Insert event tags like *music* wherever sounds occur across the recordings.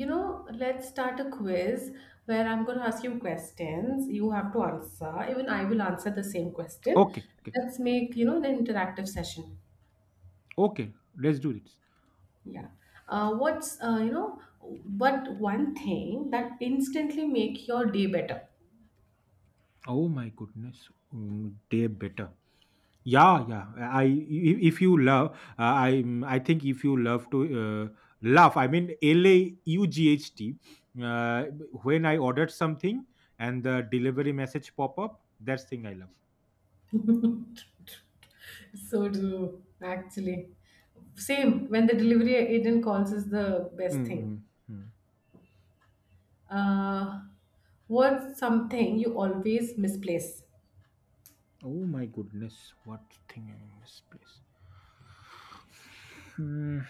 Let's start a quiz where I'm going to ask you questions. You have to answer. Even I will answer the same question. Okay, okay, Let's make the interactive session. okay. Let's do this. Yeah. What one thing that instantly make your day better? Oh my goodness, day better. Yeah, yeah. I if you love, I think if you love to laugh, I mean Laught. Uh, when I ordered something and the delivery message pop up, that's thing I love. So do actually. Same when the delivery agent calls is the Mm, best thing. mm, mm. Uh, what's something you always misplace? Oh my goodness, what thing I misplaced? Hmm.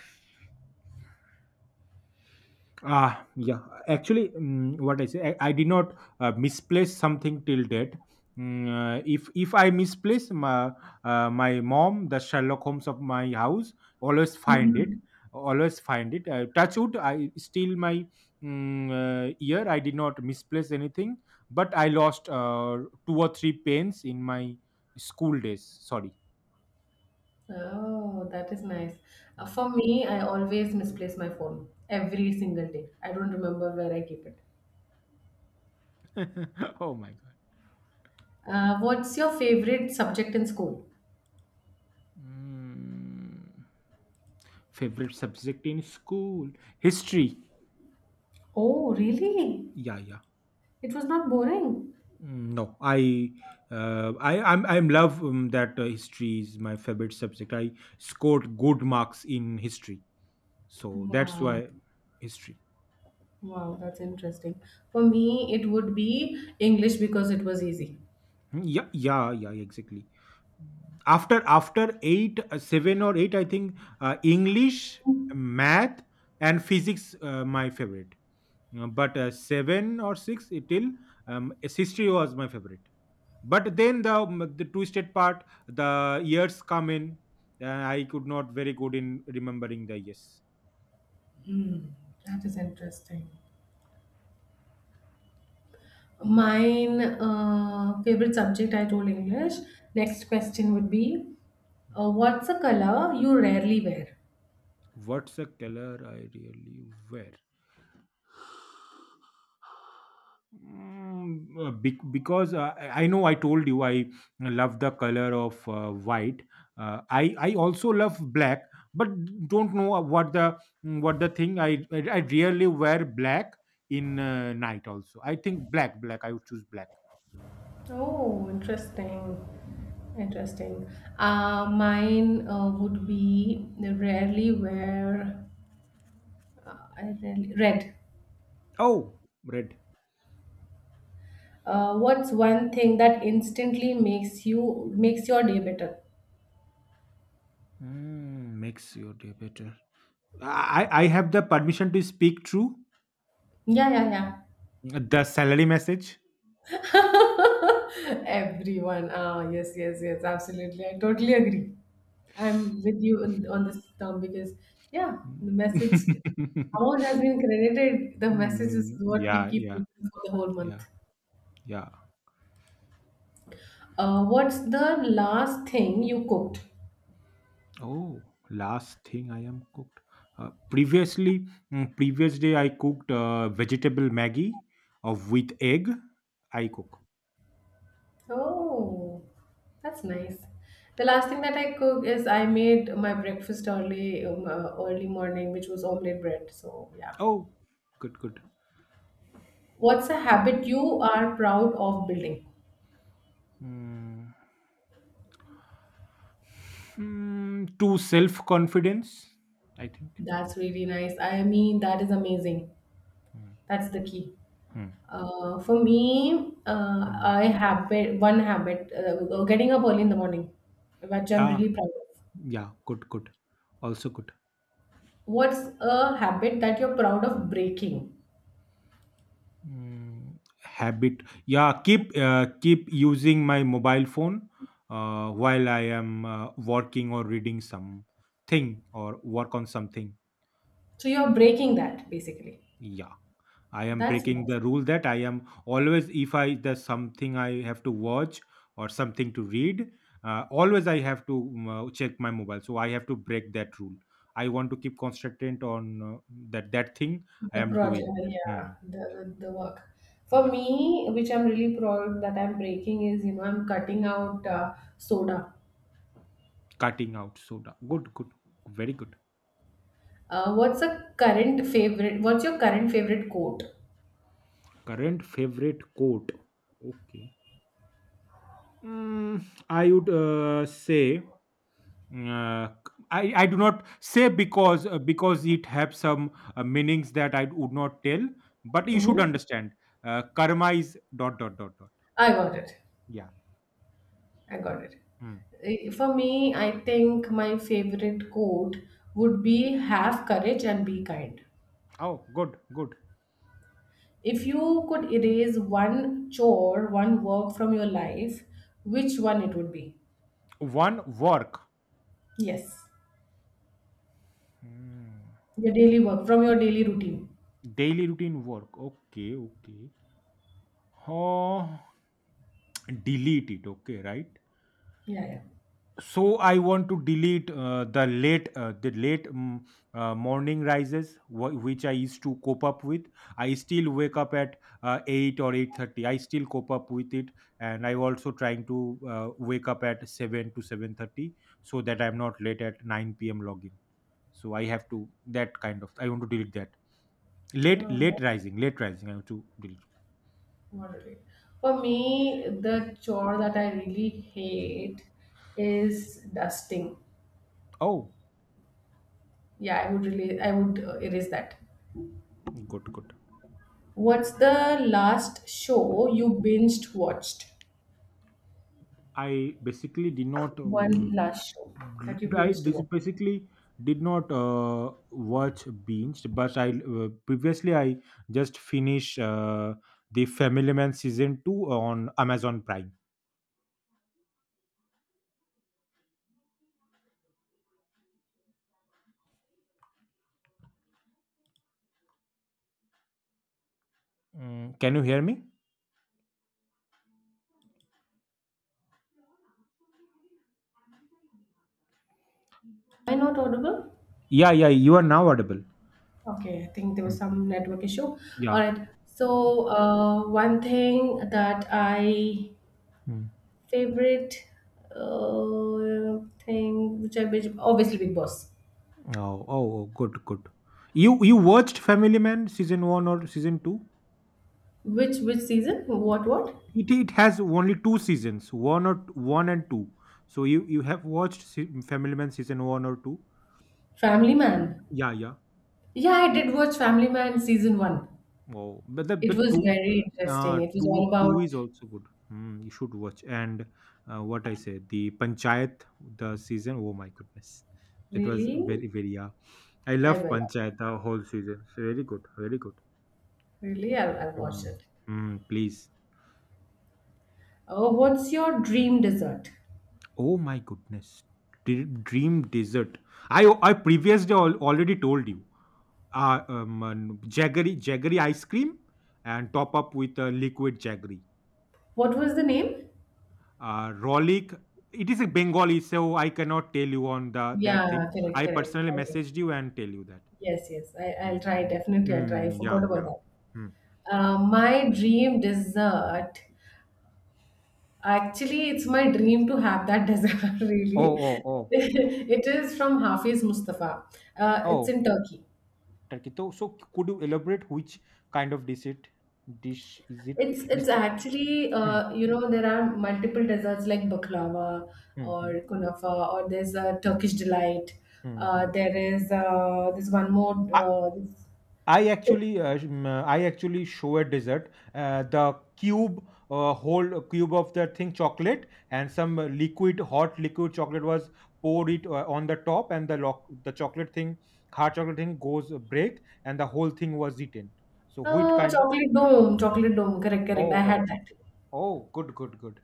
Ah, yeah. Actually, what I say, I did not misplace something till date. If I misplace my mom, the Sherlock Holmes of my house, always find it. *laughs* Always find it. Touch wood. I still my ear. I did not misplace anything, but I lost two or three pens in my school days. Sorry. Oh, that is nice. For me, I always misplace my phone every single day. I don't remember where I keep it. *laughs* Oh my god. What's your favorite subject in school? Mm. Favorite subject in school? History. Oh, really? Yeah, yeah. It was not boring. Mm, no, I'm love that history is my favorite subject. I scored good marks in history, so that's Wow. why history. Wow, that's interesting. For me, it would be English because it was easy. Mm, yeah, yeah, yeah, exactly. After 8, 7 or 8, I think, English, math and physics, my favorite. But 7 or 6 it till, um, history was my favorite, but then the twisted part, the years come in, I could not very good in remembering the years. Hmm. That is interesting. Mine, favorite subject, I told English. Next question would be, what's a color you rarely wear? What's a color I really wear? Because I know I told you I love the color of white. I also love black, but don't know what what the thing. I rarely wear black in night. Also, I think black. I would choose black. Oh, interesting. Mm. Interesting. Mine, would be rarely wear, I rarely, red. Oh, red. What's one thing that instantly makes your day better? Makes your day better. I have the permission to speak true. Yeah, yeah, The salary message. yeah. *laughs* Everyone. Ah, yes, yes, yes. Absolutely. I totally agree. I'm with you on this term because, yeah, the message Mm. *laughs* amount has been credited. The message is Mm, what we yeah, keep yeah, looking for the whole yeah, month. yeah. What's the last thing you cooked? Oh, last thing I am cooked. Previously, previous day I cooked vegetable Maggie of with egg. I cook. Oh, that's nice. The last thing that I cook is I made my breakfast early morning, which was omelette bread. So yeah. Oh, good, good. What's a habit you are proud of building? Mm, hmm. To self confidence, I think. That's really nice. I mean, that is amazing. Mm, That's the key. hmm. For me, Mm. I have one habit, getting up early in the morning, which I'm Ah, really proud of. yeah, good, good. Also good. What's a habit that you're proud of breaking? Habit, yeah, keep using my mobile phone while I am working or reading something or work on something. So you're breaking that basically. Yeah, I am That's breaking nice. the rule that I am always, if I there's something I have to watch or something to read, always I have to check my mobile, so I have to break that rule. I want to keep concentrated on that thing I The am project, doing. Hmm. yeah, Yeah, the work. For yeah. me, which I'm really proud that I'm breaking is I'm cutting out soda. Cutting out soda. Good, good. Very good. What's a current favorite? What's your current favorite quote? Current favorite quote. Okay. Mm, I would say, uh, I do not say because it have some meanings that I would not tell, but you should Mm-hmm. understand. Karma is dot dot dot dot. I got it. Yeah. I got it. Hmm, For me, I think my favorite quote hmm. would be have courage and be kind. Oh, good, good. If you could erase one chore, one work from your life, which one it would be? One work. Yes. Hmm. Your daily work, from your daily routine. Daily routine work. Okay, okay. Oh, delete it. Okay, right. Yeah, yeah. So I want to delete the late, morning rises, which I used to cope up with. I still wake up at 8 or 8:30. I still cope up with it, and I'm also trying to wake up at 7 to 7:30, so that I'm not late at 9 p.m. login. So I have to, that kind of, I want to delete that. late No, late that's rising late rising I have to delete. not it. For me, the chore that I really hate is dusting. Oh, Yeah, I would really, I would erase that. good, good. What's the last show you binged watched? I basically did not One last show that you I binged dis- watched. basically watch binged, but I previously I just finished the Family Man season two on Amazon Prime. Mm, can you hear me? Am I not audible? Yeah, yeah, you are now audible. Okay, I think there was Mm, some network issue. All yeah. right. So, one thing that I Mm. Favorite uh, thing which I binge, obviously Big Boss. Oh, oh, oh, good, good. You watched Family Man season one or season two? Which season? What? It has only two seasons, one or one and two. So you have watched Family Man season one or two? Family Man. Yeah, yeah. Yeah, I did watch Family Man season one. Wow, but the It but was two, very uh, interesting. It was all two two about is also good. Hmm, you should watch. And what I said, the Panchayat, the season. Oh my goodness, that was really. very very. Yeah, I I love will Panchayat the whole season. It's very good, very good. really. I'll watch Hmm. it. Hmm, please. Oh, what's your dream dessert? Oh my goodness, Dream Desert. I previously already told you. Jaggery ice cream and top up with liquid jaggery. What was the name? Rolik, it is a Bengali, so I cannot tell you on the that Yeah, thing. correct, I correct. personally Okay. messaged you and tell you that. Yes, yes. I'll try. Mm-hmm. Definitely, I'll try. I Mm, yeah, forgot about yeah. that. Hmm. My dream dessert. Actually, it's my dream to have that *laughs* dessert, Oh, really. oh, oh, It is from Hafiz Mustafa. It's oh, in Turkey. Turkey. So, could you elaborate which kind of dish it? Dish is it? It's It is it's chocolate. actually, there are multiple desserts like baklava Mm-hmm. or kunafa, or there's a Turkish delight. Mm-hmm. There is this one more. I actually show a dessert. The cube, whole cube of the thing chocolate, and some hot liquid chocolate was poured it on the top, and the lock, the chocolate thing, hard chocolate thing goes break, and the whole thing was eaten. So wheat Oh, kind. chocolate dome, chocolate dome, correct, correct, Oh, I had oh, that. chocolate. Oh, good, good, good.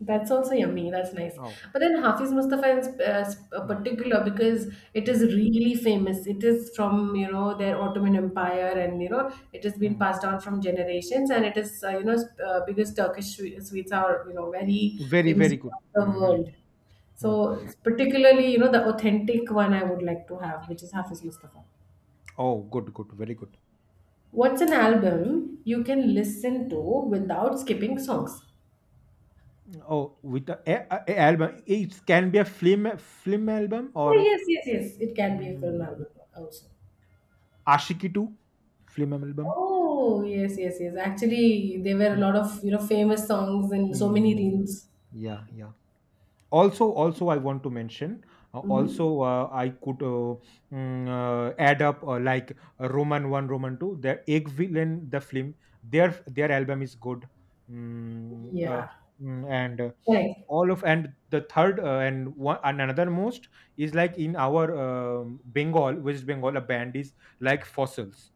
That's also yummy. That's nice. Oh, But then Hafiz Mustafa is mm, particular because it mm, is really famous. It is from, their Ottoman Empire, and it has been mm. passed down from generations. And it is because Turkish sweets are, very Very, famous very good. across the Hmm. world. Hmm. Hmm. So particularly, the authentic one I would like to have, which is Hafiz Mustafa. Oh, good, good, very good. What's an album you can listen to without skipping songs? Oh, with the album, it can be a film album Oh, or yes, yes, yes. It can be a film mm. album also. Aashiqui 2 film album. Oh, yes, yes, yes. Actually, there were a Mm, lot of famous songs in so many mm, reels. yeah, yeah. Also, I want to mention. Uh, Mm-hmm. also, I could add up, like, Roman One, Roman Two. The Egg Villain, the film. Their album is good. Mm, uh, Yeah. and Right. all of, and the third, and one, and another most is like in our West Bengal, a band is like Fossils.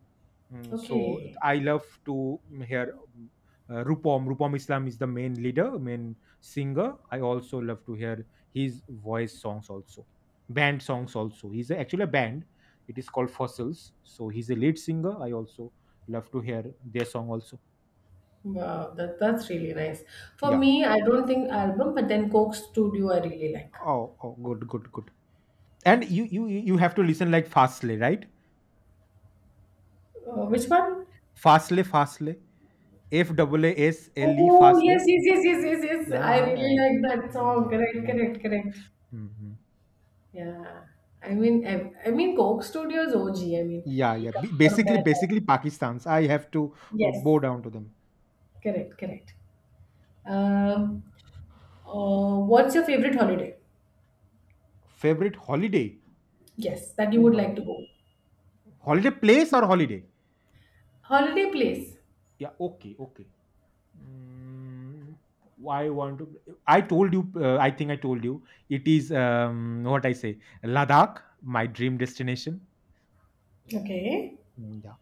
So Okay. I love to hear Rupam. Rupam Islam is the main leader, main singer. I also love to hear his voice songs also, band songs also. He's actually a band. It is called Fossils. So he's a lead singer. I also love to hear their song also. Wow, that's really nice. For Yeah. me, I don't think album, but then Coke Studio I really like. Oh, oh, good, good, good. And you have to listen like Fastlane, right? Which one? Fastlane, Fastlane. FAASLE Oh, yes, Fastlane. yes, yes, yes, yes, yes. I Yeah, really yeah. like that song. Mhm, Correct, mhm, correct, correct. mhm. Yeah. I mean, Coke Studio is OG. I mean, Yeah, we yeah. can B- compare basically, that. basically Pakistan's. I have to Yes, bow down to them. correct, correct. Um, what's your favorite holiday? Favorite holiday? Yes, that you Oh would my. like to go. Holiday place or holiday? Holiday place? Yeah. Okay. Okay. Mm, I want to. I told you. I think I told you. It is, what I say, Ladakh, my dream destination. Okay. Mm, yeah.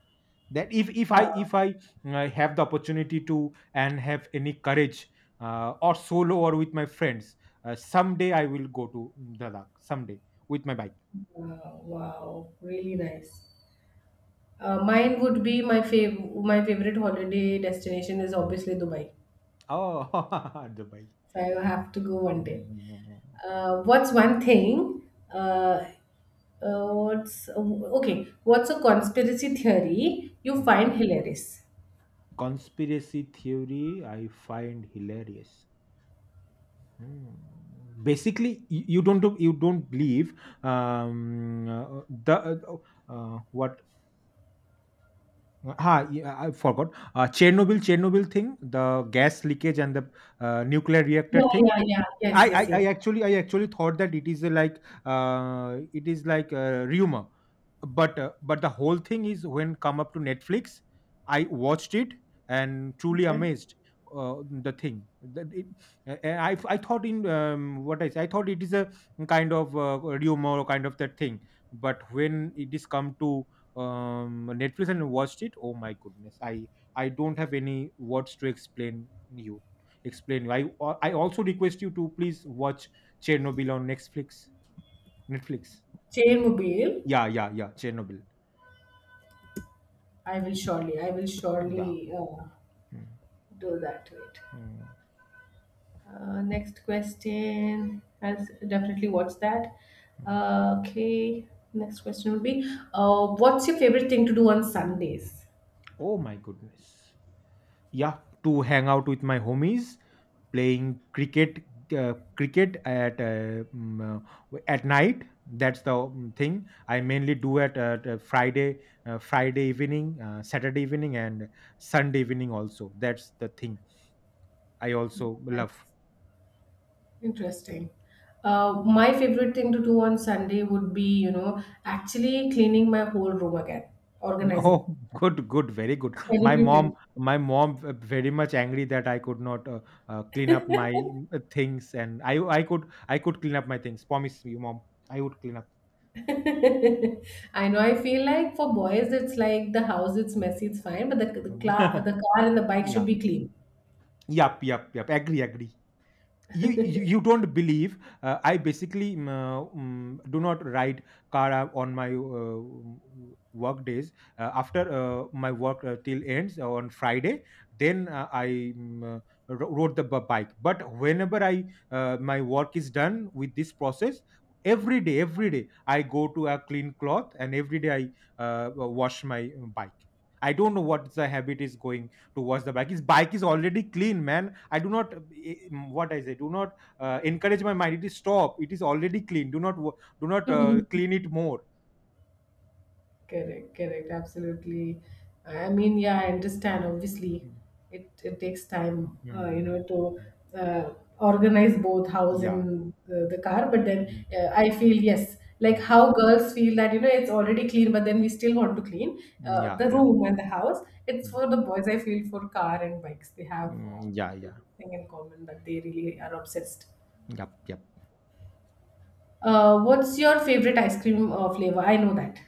That, if if I Wow, if I uh, have the opportunity to and have any courage, or solo or with my friends, someday I will go to Ladakh. Someday with my bike. wow, wow, really nice. Mine would be my favorite holiday destination is obviously Dubai. Oh, *laughs* Dubai. So I have to go one day. Mm. What's one thing? What's okay? What's a conspiracy theory you find hilarious? Conspiracy theory I find hilarious. Hmm. Basically, you don't you don't believe the what? Ah, yeah, I forgot. Chernobyl thing, the gas leakage and the nuclear Yeah, reactor thing. yeah, yeah. Yes, I, yes, I, I yes. actually I actually thought that it is a like, it is like, rumor, but the whole thing is when come up to Netflix, I watched it and truly Okay. amazed the thing that it, and I thought in, what I say, I thought it is a kind of rumor or kind of that thing. But when it is come to, Netflix and watched it, oh my goodness, I don't have any words to explain you, explain you. I also request you to please watch Chernobyl on Netflix, Netflix. Chain mobile. Yeah, yeah, yeah, Chernobyl, I will surely, yeah. Mm, do that. Wait. mm, Next question. I'll definitely watch that. mm. Okay. Next question would be, what's your favorite thing to do on Sundays? Oh my goodness. Yeah, to hang out with my homies, playing cricket, cricket at at night. That's the thing I mainly do at Friday evening, Saturday evening, and Sunday evening also. That's the thing I Yeah, also love. that's interesting. My favorite thing to do on Sunday would be actually cleaning my whole room again, Mm, organizing, oh, *laughs* good, good, very good. My mom, celebrating. my mom, very much angry that I could not clean up my things, and I could clean up my things. Promise you, mom, I would clean up. *laughs* I know. I feel like for boys, it's like the house, it's messy, it's fine, but the the, Mm. cla- the car and the bike *laughs* should Yeah, be yep, yep, yep. Agree, agree. You don't believe, I basically do not ride car on my work days after my work till ends on Friday, then I rode the bike, but whenever I, my work is done with this process every day, every day I go to a clean cloth, and every day I wash my bike. I don't know what the habit is, going to wash the bike, his bike is already clean, man. I do not, what I say, do not encourage my mind. It is stop. It is already clean. Do not clean. *laughs* clean it more. Correct, correct, absolutely. I mean, yeah, I understand. Obviously, Mm, it takes time, mm, to mm. Organize both house Yeah. and the car. But then Mm, I feel yes, like mm. how girls feel that, it's already clean, but then we still want to clean Yeah, the yeah. room and the house. It's Mm, for the boys. I feel for car and bikes, they have mm, yeah, this yeah. thing in common that they really are obsessed. Yep, yep. What's your favorite ice cream flavor? I know that.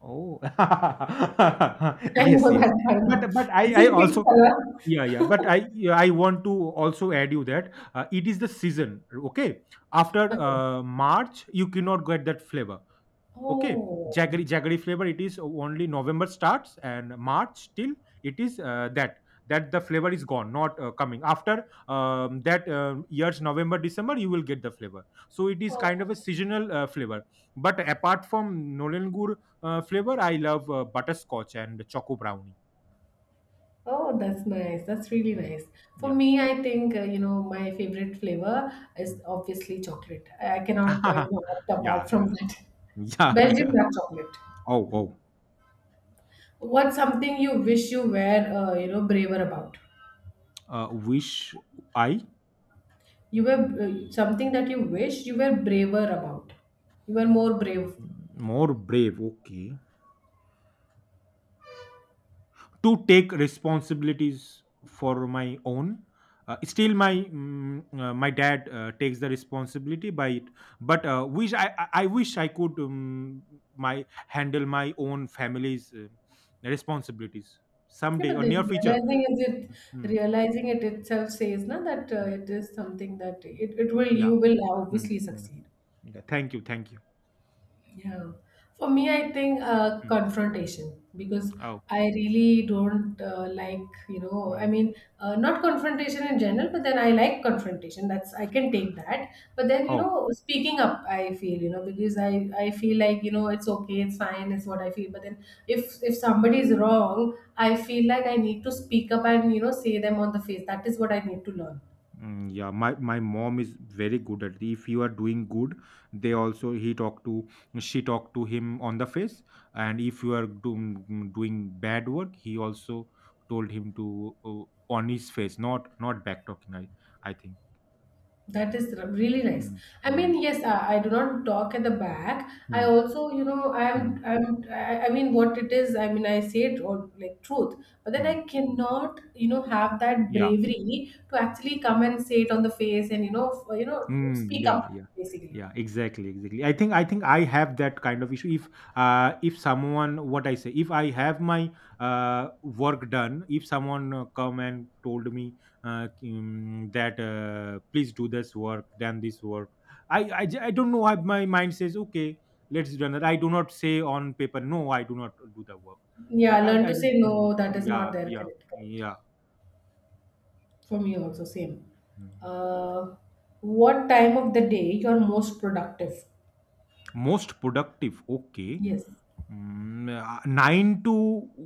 Oh. *laughs* I Yes, know yes. that by now. But It's I in pink also, color. yeah, yeah. But *laughs* I want to also add you that it is the season, okay? After Okay. March, you cannot get that flavor. Okay, Oh. jaggery flavor. It is only November starts and March till it is that the flavor is gone, not coming after that year's November December. You will get the flavor. So it is kind Oh. of a seasonal flavor. But apart from Nolen Gur flavor, I love butterscotch and choco brownie. Oh, that's nice. That's really Mm. nice. For Yeah. me, I think, my favorite flavor Mm. is obviously chocolate. I *laughs* cannot, Yeah, opt yeah, apart from that. yeah, Belgian yeah. dark chocolate. Oh, oh. What's something you wish you were braver about? Wish I You were something that you wish you were braver about. You were more brave. Mm, more brave. Okay. To take responsibilities for my own, still my dad takes the responsibility by it, but wish I wish I could my handle my own family's responsibilities Yeah, someday but or near then future. realizing is it Mm, realizing it itself says na that mm. it is something that it will Yeah. you will Mm, obviously mm. succeed. Yeah, thank you, thank you. Yeah. For me, I think Mm. confrontation because Oh. I really don't likeMm. Not confrontation in general, but then I like confrontation. That's, I can take that. But thenOh. Speaking up, I feel because I feel like it's okay, it's fine, it's what I feel. But then if somebody is wrong, I feel like I need to speak up and say them on the face. That is what I need to learn. Mm, yeah, my mom is very good at it. If you are doing good, they also he talk to she talk to him on the face. And if you are doing bad work, he also told him to, on his face, not back talking, I think. That is really nice. Mm, I mm, mean, yes, I do not talk at the back. I mm, also mm, I mean, what it is, I mean, I say it or like truth, but then mm. I Mm. cannot have that Yeah. bravery to actually come and say it on the face and Mm, speak yeah, up yeah, basically. yeah. Exactly, exactly. I think I have that kind of issue. If someone, what I say, if I have my work done, if someone come and told me, that please do this work, done this work. I don't know why my mind says okay, let's do that. I do not say on paper no, I do not do the work. Yeah, Okay. learn to say Mm, no, that is not yeah, there. yeah, Correct, correct. yeah. For me also, same. Mm. Uh, what time of the day you're most productive? Most productive. Okay. Yes. Mm, 9 to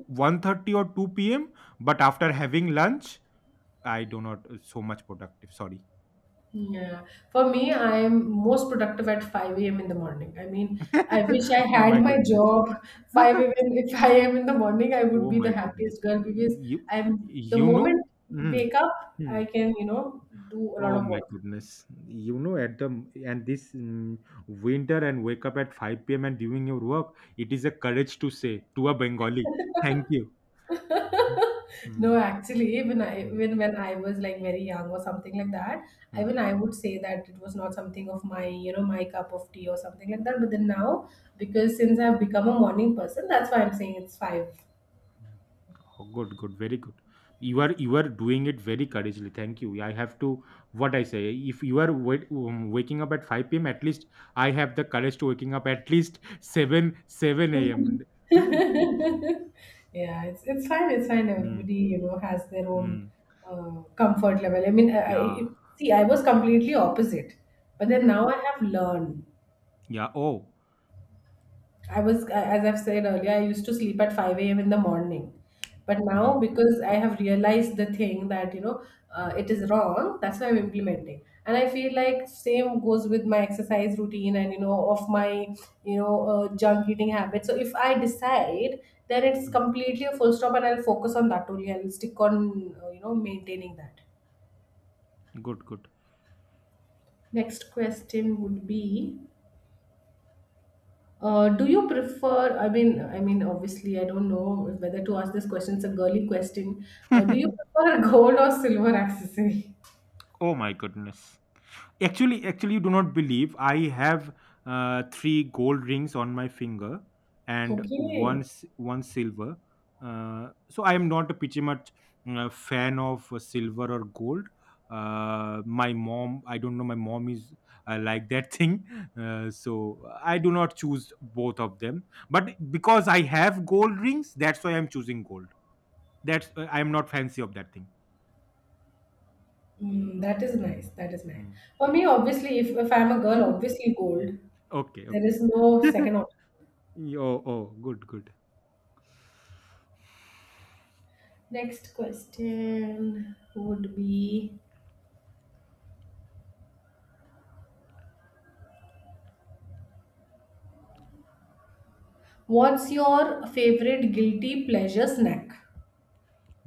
1:30 or 2 p.m. But after having lunch, I do not so much productive. Sorry. Yeah, for me, I'm most productive at 5 a.m. in the morning. I mean, I wish I *laughs* Oh had my my goodness. job *laughs* 5 a.m. If I am in the morning, I would Oh be the my goodness. happiest girl because You I'm the you know. moment Mhm. wake up, Hmm. I can do a lot Oh of my work. goodness. You know, at the and this mm, winter and wake up at 5 p.m. and doing your work, it is a courage to say to a Bengali. Thank you. Hmm. *laughs* No, Hmm. actually, when I Hmm. when when I was like very young or something like that, even Hmm. I would say that it was not something of my cup of tea or something like that. But then now, because since I've become a morning person, that's why I'm saying it's five. Oh, good, good, very good. You are doing it very courageously. Thank you. I have to, what I say. If you are waking up at five p.m., at least I have the courage to waking up at *laughs* least seven Mhm. a.m. *laughs* yeah, it's fine. It's fine. Mm, Everybody has their own mm, comfort level. I mean, I, yeah, I see. I was completely opposite, but then now I *laughs* have learned. yeah. Oh, I was, as I've said earlier, I used to sleep at 5 a.m. in the morning. But now, mm, because I have realized the thing thatmm, it is wrong, that's why I'm mm, implementing. And I feel like same goes with my exercise routine and of junk eating habit. So if I decide, then it's mm, completely a full stop and I'll focus on that only. I'll stick on, maintaining that. good, good. Next question would be, do you prefer? Obviously, I don't know whether to ask this question. It's a girly question. Do you prefer *laughs* gold or silver accessory? Oh my goodness. Actually, actually, you do not believe. I have three gold rings on my finger and Okay, one silver. So I am not a pretty much fan of silver or gold. My mom, I don't know. My mom is like that *laughs* thing, so I do not choose both of them. But because I have gold rings, that's why I'm choosing gold. That's I am not fancy of that thing. That is nice. That is nice. Hmm. For me, obviously, if I'm a girl, obviously gold. Okay, There okay. is no second *laughs* option. Oh, oh, good, good. Next question would be, what's your favorite guilty pleasure snack?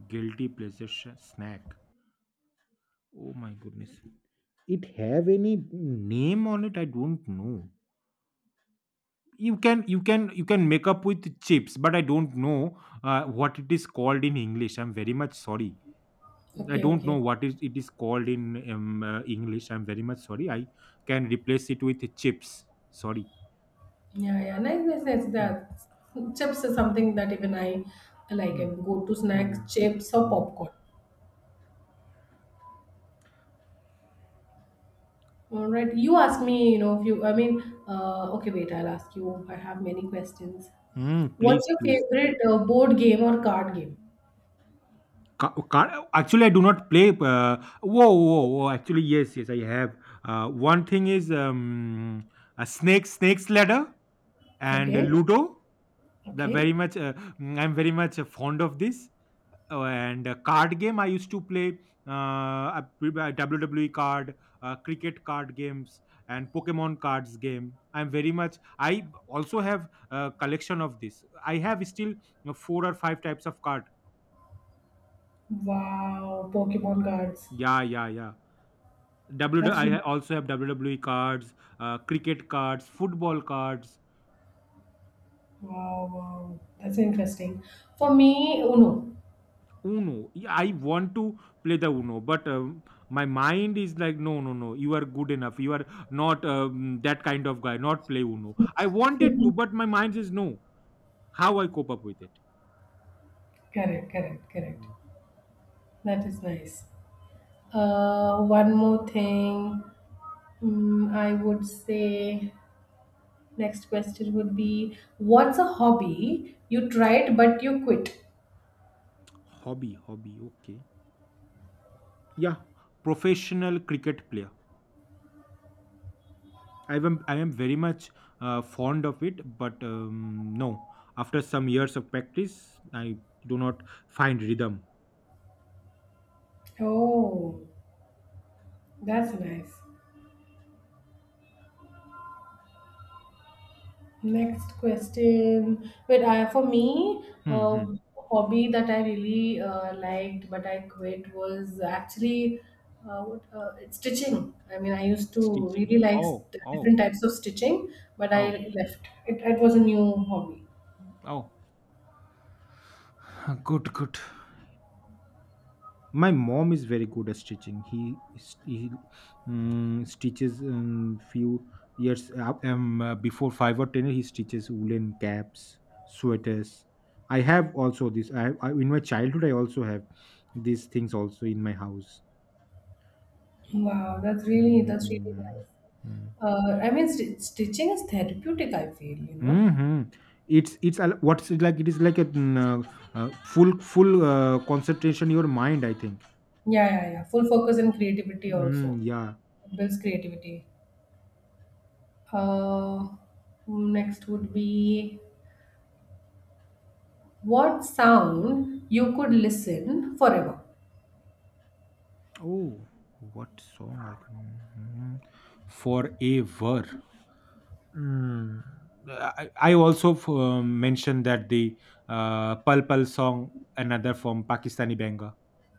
Guilty pleasure snack. Oh my goodness. It have any name on it? I don't know. You can make up with chips, but I don't know what it is called in English. I'm very much sorry. I Okay, don't know okay. what is it is called in English. I'm very much sorry. I can replace it with chips. Sorry. Yeah, yeah, nice, nice, nice. That Mm. chips is something that even I like. I Mm. go to snacks, Mm. chips or Mm. popcorn. All right, you ask me. You know, if you, I mean, okay, wait, I'll ask you. I have many questions. Mm, What's please, your please. favorite board game or card game? Ca ca Actually, I do not play. Woah, woah, woah, actually, yes, yes, I have. One thing is, a snake's ladder, and Okay, Ludo. They okay. very much, I'm very much fond of this. And card game, I used to play uh, a WWE card, cricket card games, and Pokemon cards game. I'm very much. I also have a collection of this. I have still four or five types of card. Wow, Pokemon Mm. cards. Yeah, yeah, yeah. That's really Also have WWE cards, cricket cards, football cards. wow, wow. That's interesting. For Mm. me, Uno. Uno. Yeah, I want to play the Uno, but my mind is like, no, no, no. You are good enough. You are not that kind of guy. Not play Uno. I wanted to, but my mind says no. How I cope up with it? Correct, correct, correct. Mm. That is nice. One more thing. I would say next question would be what's a hobby you tried but you quit? Hobby, hobby. Okay. Yeah, professional cricket player. I am very much fond of it, but no. After some years of practice, I do not find rhythm. Oh, that's nice. Next question. Wait, for me, Hmm, a hmm. hobby that I really liked but I quit was actually it's stitching. I mean, I used to Stitching. really like Oh, oh, different types of stitching, but oh, I left. It was a new hobby. oh. *sighs* Good, good. My mom is very good at stitching. He stitches few years up, before five or ten. He stitches woolen caps, sweaters. I have also this. I in my childhood I also have these things also in my house. Wow, that's really Mm. nice. Mm. I mean, st stitching is therapeutic, I feel. Mhm. What's it like? It is like a full concentration your mind, I think. Yeah, yeah, yeah. Full focus and creativity also. Mm, yeah. It builds creativity. Uh, Next would be what sound you could listen forever. Oh, what song? I can, mhm, forever. Mm. I also mentioned that the Pal Pal song, another from Pakistani banger.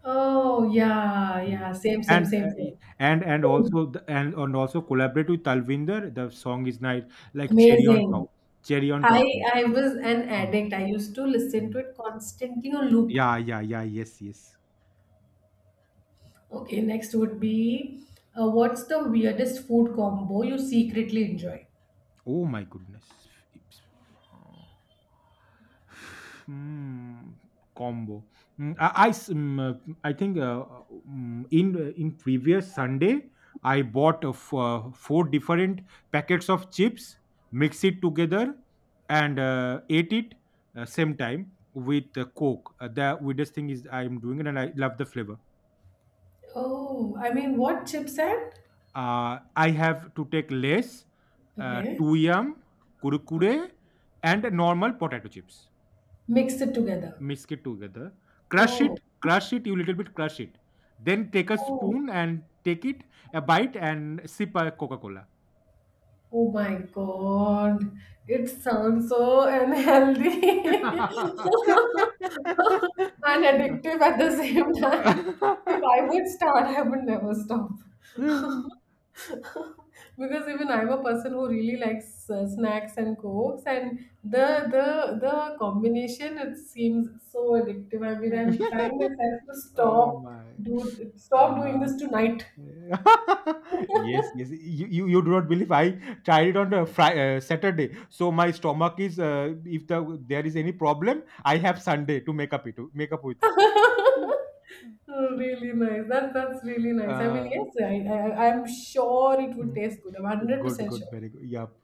Oh yeah, Mm. yeah. Same, same, And same, uh, y- and and same. also collaborate with Talvinder. The song is nice, like Amazing. cherry on top I in it. I was an Mm, addict. I used to listen to mm. it constantly on loop. Yeah, yeah, yeah. Yes, yes. Okay, next would be what's the weirdest food combo you secretly enjoy? Oh my goodness. It's- Hmm, combo. Mm, I think in previous Sunday I bought four different packets of chips, mix it together, and ate it same time with Coke. The weirdest thing is I am doing it and I love the flavor. Oh, I mean, what chips and? I have to take less, Okay. two yum, okay. kurkure, and normal potato chips. Mix it together. Mix it together. Crush Oh, it, crush it, you little bit crush it, then take a oh, spoon and take it, a bite, and sip a Coca-Cola. oh my God. It sounds so unhealthy *laughs* and *laughs* addictive at the same time. If I would start, I would never stop. *laughs* *laughs* because even I'm a person who really likes snacks and cokes, and the the combination it seems so addictive. I mean, I'm trying myself to Oh stop my. do stop doing Uh, this tonight. *laughs* yes, yes. You do not believe, I tried it on a Friday, Saturday. So my stomach is, if there is any problem, I have Sunday to make up it, to make up with it. *laughs* Mhm. Oh, really nice. That's really nice. I mean, Uh, yes, I'm sure it would mm, taste good. I'm hundred Good, percent good, sure. very good. Yup,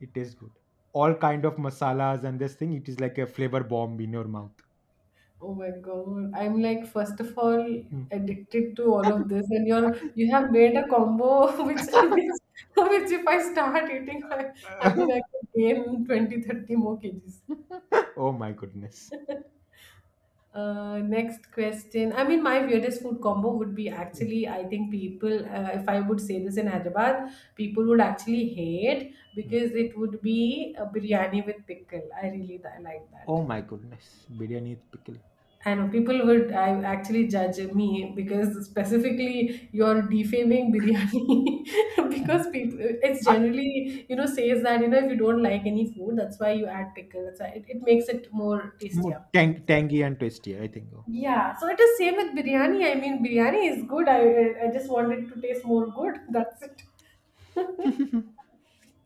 it tastes good. All kind of masalas and this thing, it is like a flavor bomb in your mouth. Oh my God. I'm like, first of all, Mm. addicted to all of this, and you're you *laughs* have made a combo *laughs* which which, which if I start eating, I mean I could gain 20-30 more kgs. Oh my goodness. Next question. I mean, my weirdest food combo would be Mm, actually, I think people, if I would say this in Hyderabad, people would actually hate mm. because it would be a biryani with pickle. I really like Oh that. my goodness. Biryani with pickle. I know people would I actually judge me because specifically you're defaming biryani *laughs* Mhm. because people it's Ah, generally says that if you don't like any food that's why you add pickle that's why it makes it more tastier. more tangy and tasty, I think. Oh, Yeah, so it is same with biryani. I mean biryani is good. I just want it to taste more good. *laughs* That's it.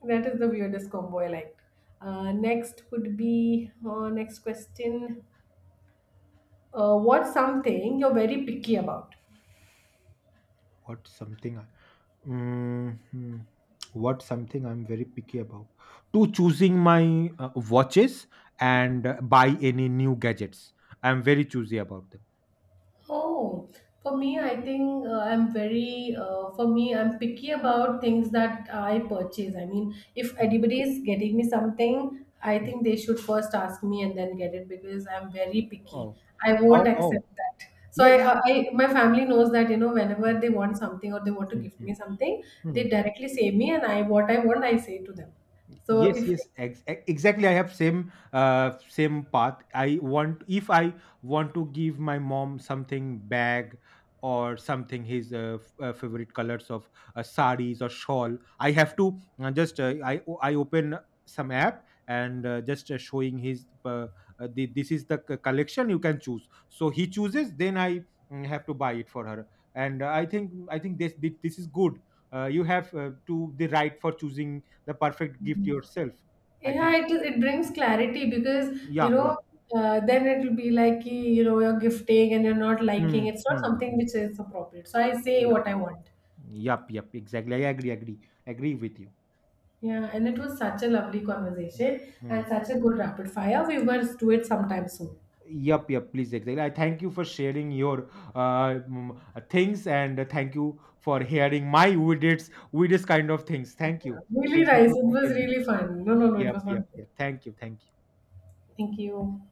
That is the weirdest combo I liked. Next would be next question. What's something you're very picky about? what something? Mhm. What something I'm very picky about? To choosing my watches and buy any new gadgets. I'm very choosy about them. Oh, for me, I think for me, I'm picky about things that I purchase. I mean, if Mm. anybody is getting me something, I think they should first ask me and then get it because I'm very picky. Oh, I won't oh, oh, accept that. So yeah. My family knows that, whenever Mm, they want something or they want to mm, gift mm, me something, they mm. directly say me and I, what I want, I say to them. So Yes, if yes, exactly, I have same, same path. I want, if I want to give my mom something bag or something, his favorite colors of saris or shawl, I have to just, I open some app and just showing his, this is the collection you can choose, so he chooses, then I have to buy it for her. And I think this is good. You have to the right for choosing the perfect gift yourself, I Yeah, think. it is. It brings Mm. clarity because Yeah, yeah. Then it will be like ki, you know you're gifting and you're not liking. Mm, It's not mm, something mm. which is appropriate. So I say Yeah, what I want. yep, yep, exactly, I agree, agree, agree with you. Yeah, and it was such a lovely conversation and Mm. such a good rapid fire. We must do it sometime soon. Yep, yep, please, exactly. I thank you for sharing your things, and thank you for hearing my weirdest, weirdest kind of things. Thank Yeah, you. Really Thank you nice. for It was comparing. really fun. No, no, no, it Yep, was yep, not good. yep. Thank you. Thank you. Thank you.